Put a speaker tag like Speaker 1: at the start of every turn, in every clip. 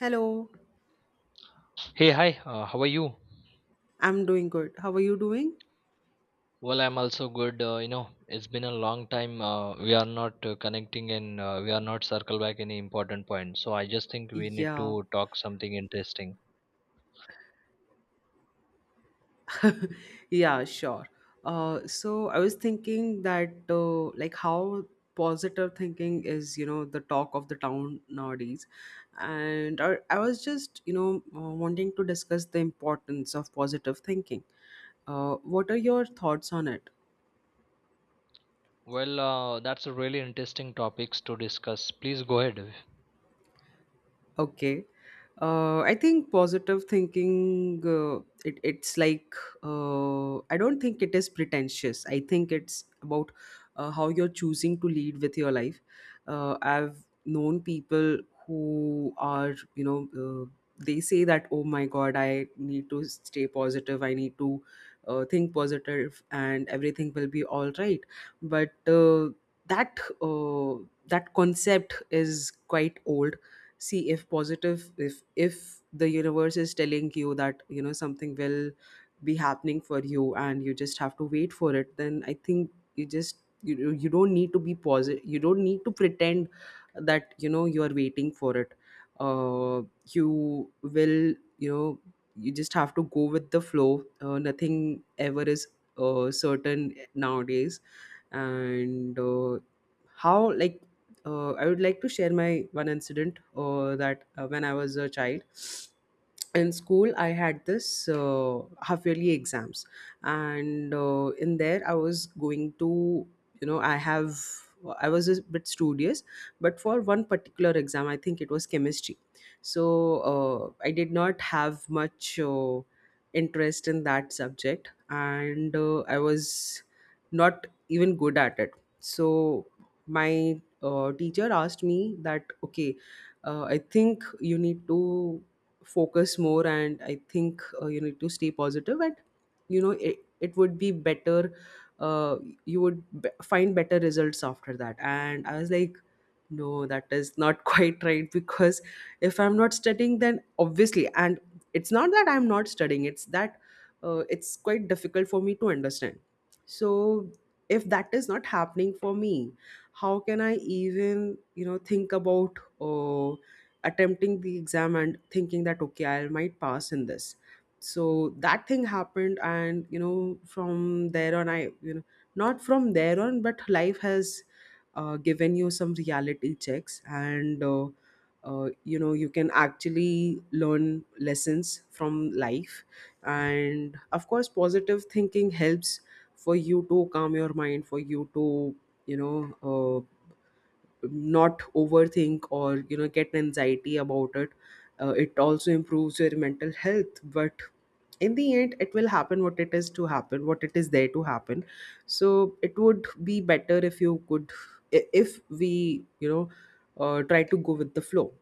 Speaker 1: Hello,
Speaker 2: Hey, hi, how are you?
Speaker 1: I'm doing good. How are you doing?
Speaker 2: Well, I'm also good. It's been a long time. We are not connecting and we are not circle back any important point. So I just think we need
Speaker 1: Yeah,
Speaker 2: to talk something interesting.
Speaker 1: yeah, sure. So I was thinking that like how positive thinking is, you know, the talk of the town nowadays, and I was just, you know, wanting to discuss the importance of positive thinking. What are your thoughts on it?
Speaker 2: Well, that's a really interesting topics to discuss. Please go ahead.
Speaker 1: Okay. I think positive thinking, it's like, I don't think it is pretentious. I think it's about how you're choosing to lead with your life. I've known people who are, they say that, oh my God, I need to stay positive. I need to think positive and everything will be all right. But uh, that, uh, that concept is quite old. See, if positive if the universe is telling you that you know something will be happening for you and you just have to wait for it, then I think you don't need to be positive, you don't need to pretend that you know you are waiting for it. uh you will, you know, you just have to go with the flow. Uh, nothing ever is certain nowadays. And how like I would like to share my one incident, that when I was a child, in school I had this half yearly exams. And In there I was going to, you know, I have, I was a bit studious, but for one particular exam I think it was chemistry. So I did not have much interest in that subject, and I was not even good at it. So my teacher asked me that, okay, I think you need to focus more, and I think you need to stay positive and you know it would be better. uh, you would find better results after that. And I was like, no, that is not quite right, because if I'm not studying, then obviously, and it's not that I'm not studying, it's that it's quite difficult for me to understand. So if that is not happening for me, how can I even, you know, think about attempting the exam and thinking that, okay, I might pass in this. So that thing happened, and you know, from there on I, you know, not from there on, but life has given you some reality checks, and you know, you can actually learn lessons from life. And of course positive thinking helps for you to calm your mind, for you to, you know, not overthink or, you know, get anxiety about it. Uh, it also improves your mental health, but in the end it will happen what it is to happen, what it is there to happen. So it would be better if you could, if we, you know, try to go with the flow.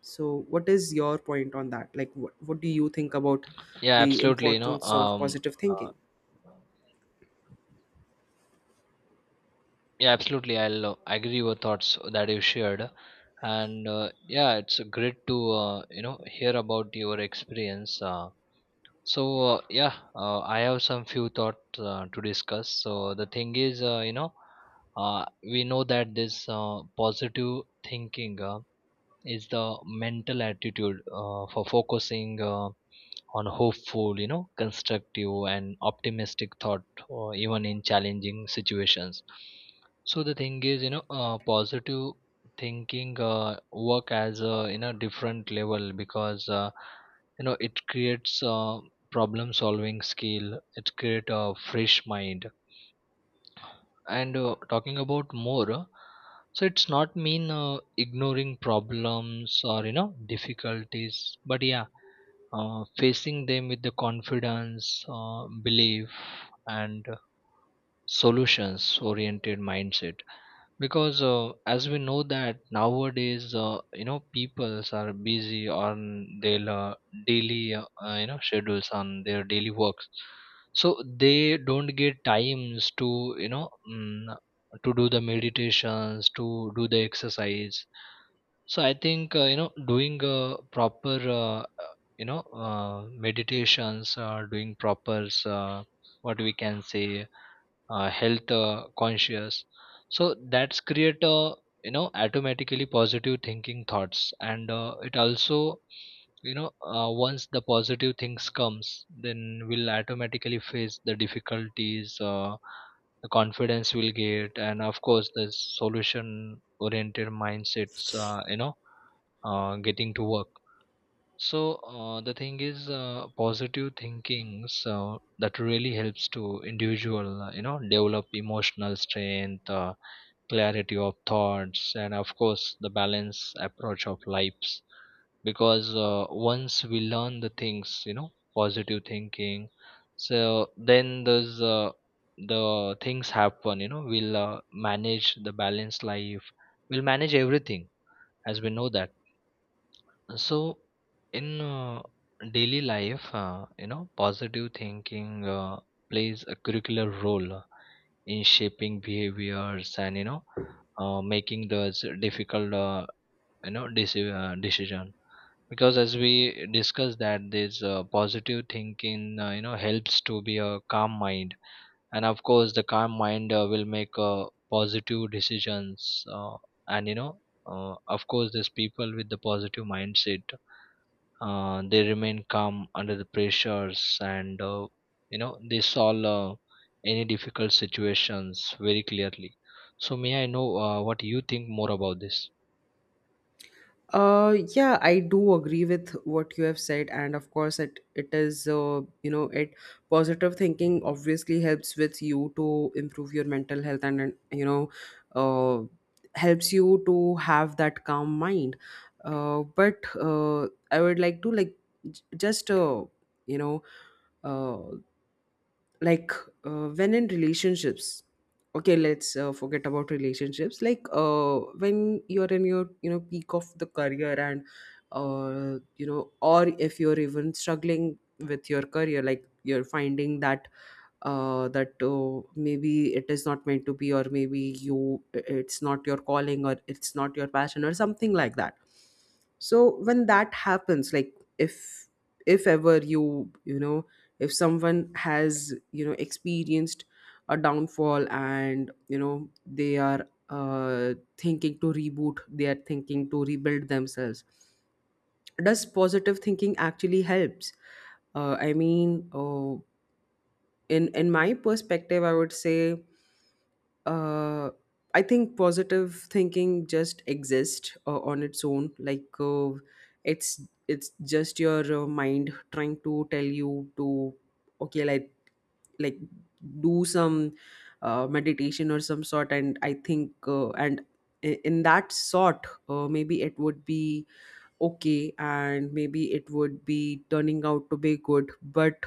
Speaker 1: So what is your point on that, like what do you think about
Speaker 2: Yeah,
Speaker 1: the
Speaker 2: absolutely.
Speaker 1: importance of positive
Speaker 2: Uh,
Speaker 1: thinking?
Speaker 2: yeah, absolutely. I'll agree your thoughts that you shared, and yeah, it's great to hear about your experience. So yeah, I have some few thoughts to discuss. So the thing is, we know that this positive thinking is the mental attitude for focusing. On hopeful, you know, constructive and optimistic thought or even in challenging situations. So the thing is, positive thinking work as a, you know, different level, because you know, it creates problem solving skill, it create a fresh mind, and talking about more. So it's not mean ignoring problems or, you know, difficulties, but yeah, facing them with the confidence, belief, and solutions oriented mindset. Because as we know that nowadays, peoples are busy on their daily you know schedules, on their daily works. So they don't get times to, you know, to do the meditations, to do the exercise. So I think doing proper uh, uh, you know, uh, meditations, doing proper, what we can say, health conscious. So that's create a, you know, automatically positive thinking thoughts, and it also, you know, once the positive things comes, then we'll automatically face the difficulties. The confidence we'll get, and of course the solution oriented mindsets, getting to work. So the thing is, positive thinking, so that really helps to individual, develop emotional strength, clarity of thoughts, and of course the balance approach of lives. Because once we learn the things, you know, positive thinking, so then there's the things happen. You know, we'll manage the balanced life. We'll manage everything, as we know that. So, in daily life, positive thinking plays a curricular role in shaping behaviors and, you know, making those difficult decision. Because as we discussed that this positive thinking, helps to be a calm mind, and of course the calm mind will make positive decisions, and you know, of course, these people with the positive mindset, they remain calm under the pressures, and they solve any difficult situations very clearly. So may I know what you think more about this?
Speaker 1: Yeah, I do agree with what you have said, and of course, it is, you know, it, positive thinking obviously helps with you to improve your mental health, and, you know, uh, helps you to have that calm mind. But I would like to like, just, you know, uh, like when in relationships, okay, let's forget about relationships. Like, when you're in your, you know, peak of the career, and you know, or if you're even struggling with your career, like you're finding that, oh, maybe it is not meant to be, or maybe you, it's not your calling or it's not your passion or something like that. So when that happens, like, if ever you, you know, if someone has, you know, experienced a downfall and you know they are thinking to reboot, they are thinking to rebuild themselves, does positive thinking actually helps? I mean, in my perspective I would say, uh I think positive thinking just exists, on its own, like, it's it's just your mind trying to tell you to, okay, like do some meditation or some sort. And I think, uh, and in that sort, maybe it would be okay, and maybe it would be turning out to be good. But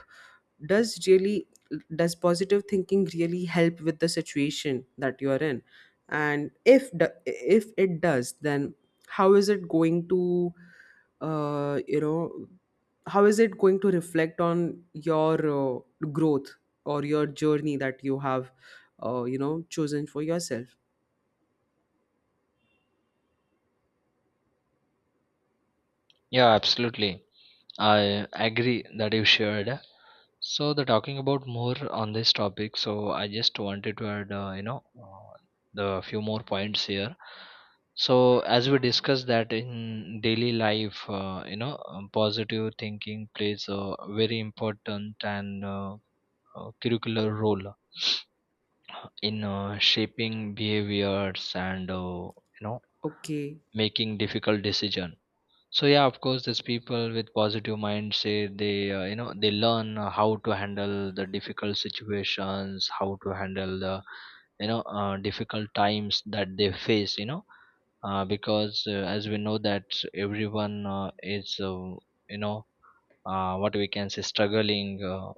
Speaker 1: does really, does positive thinking really help with the situation that you are in? And if if it does, then how is it going to, you know, how is it going to reflect on your growth, or your journey that you have, you know, chosen for yourself?
Speaker 2: Yeah, absolutely. I agree that you shared. So, the talking about more on this topic. So, I just wanted to add, the few more points here. So, as we discussed that in daily life, positive thinking plays a very important and curricular role in shaping behaviors and, you know,
Speaker 1: Okay.
Speaker 2: making difficult decision. So yeah, of course these people with positive mind say, they they learn how to handle the difficult situations, how to handle the, difficult times that they face, you know, because as we know that everyone is you know what we can say struggling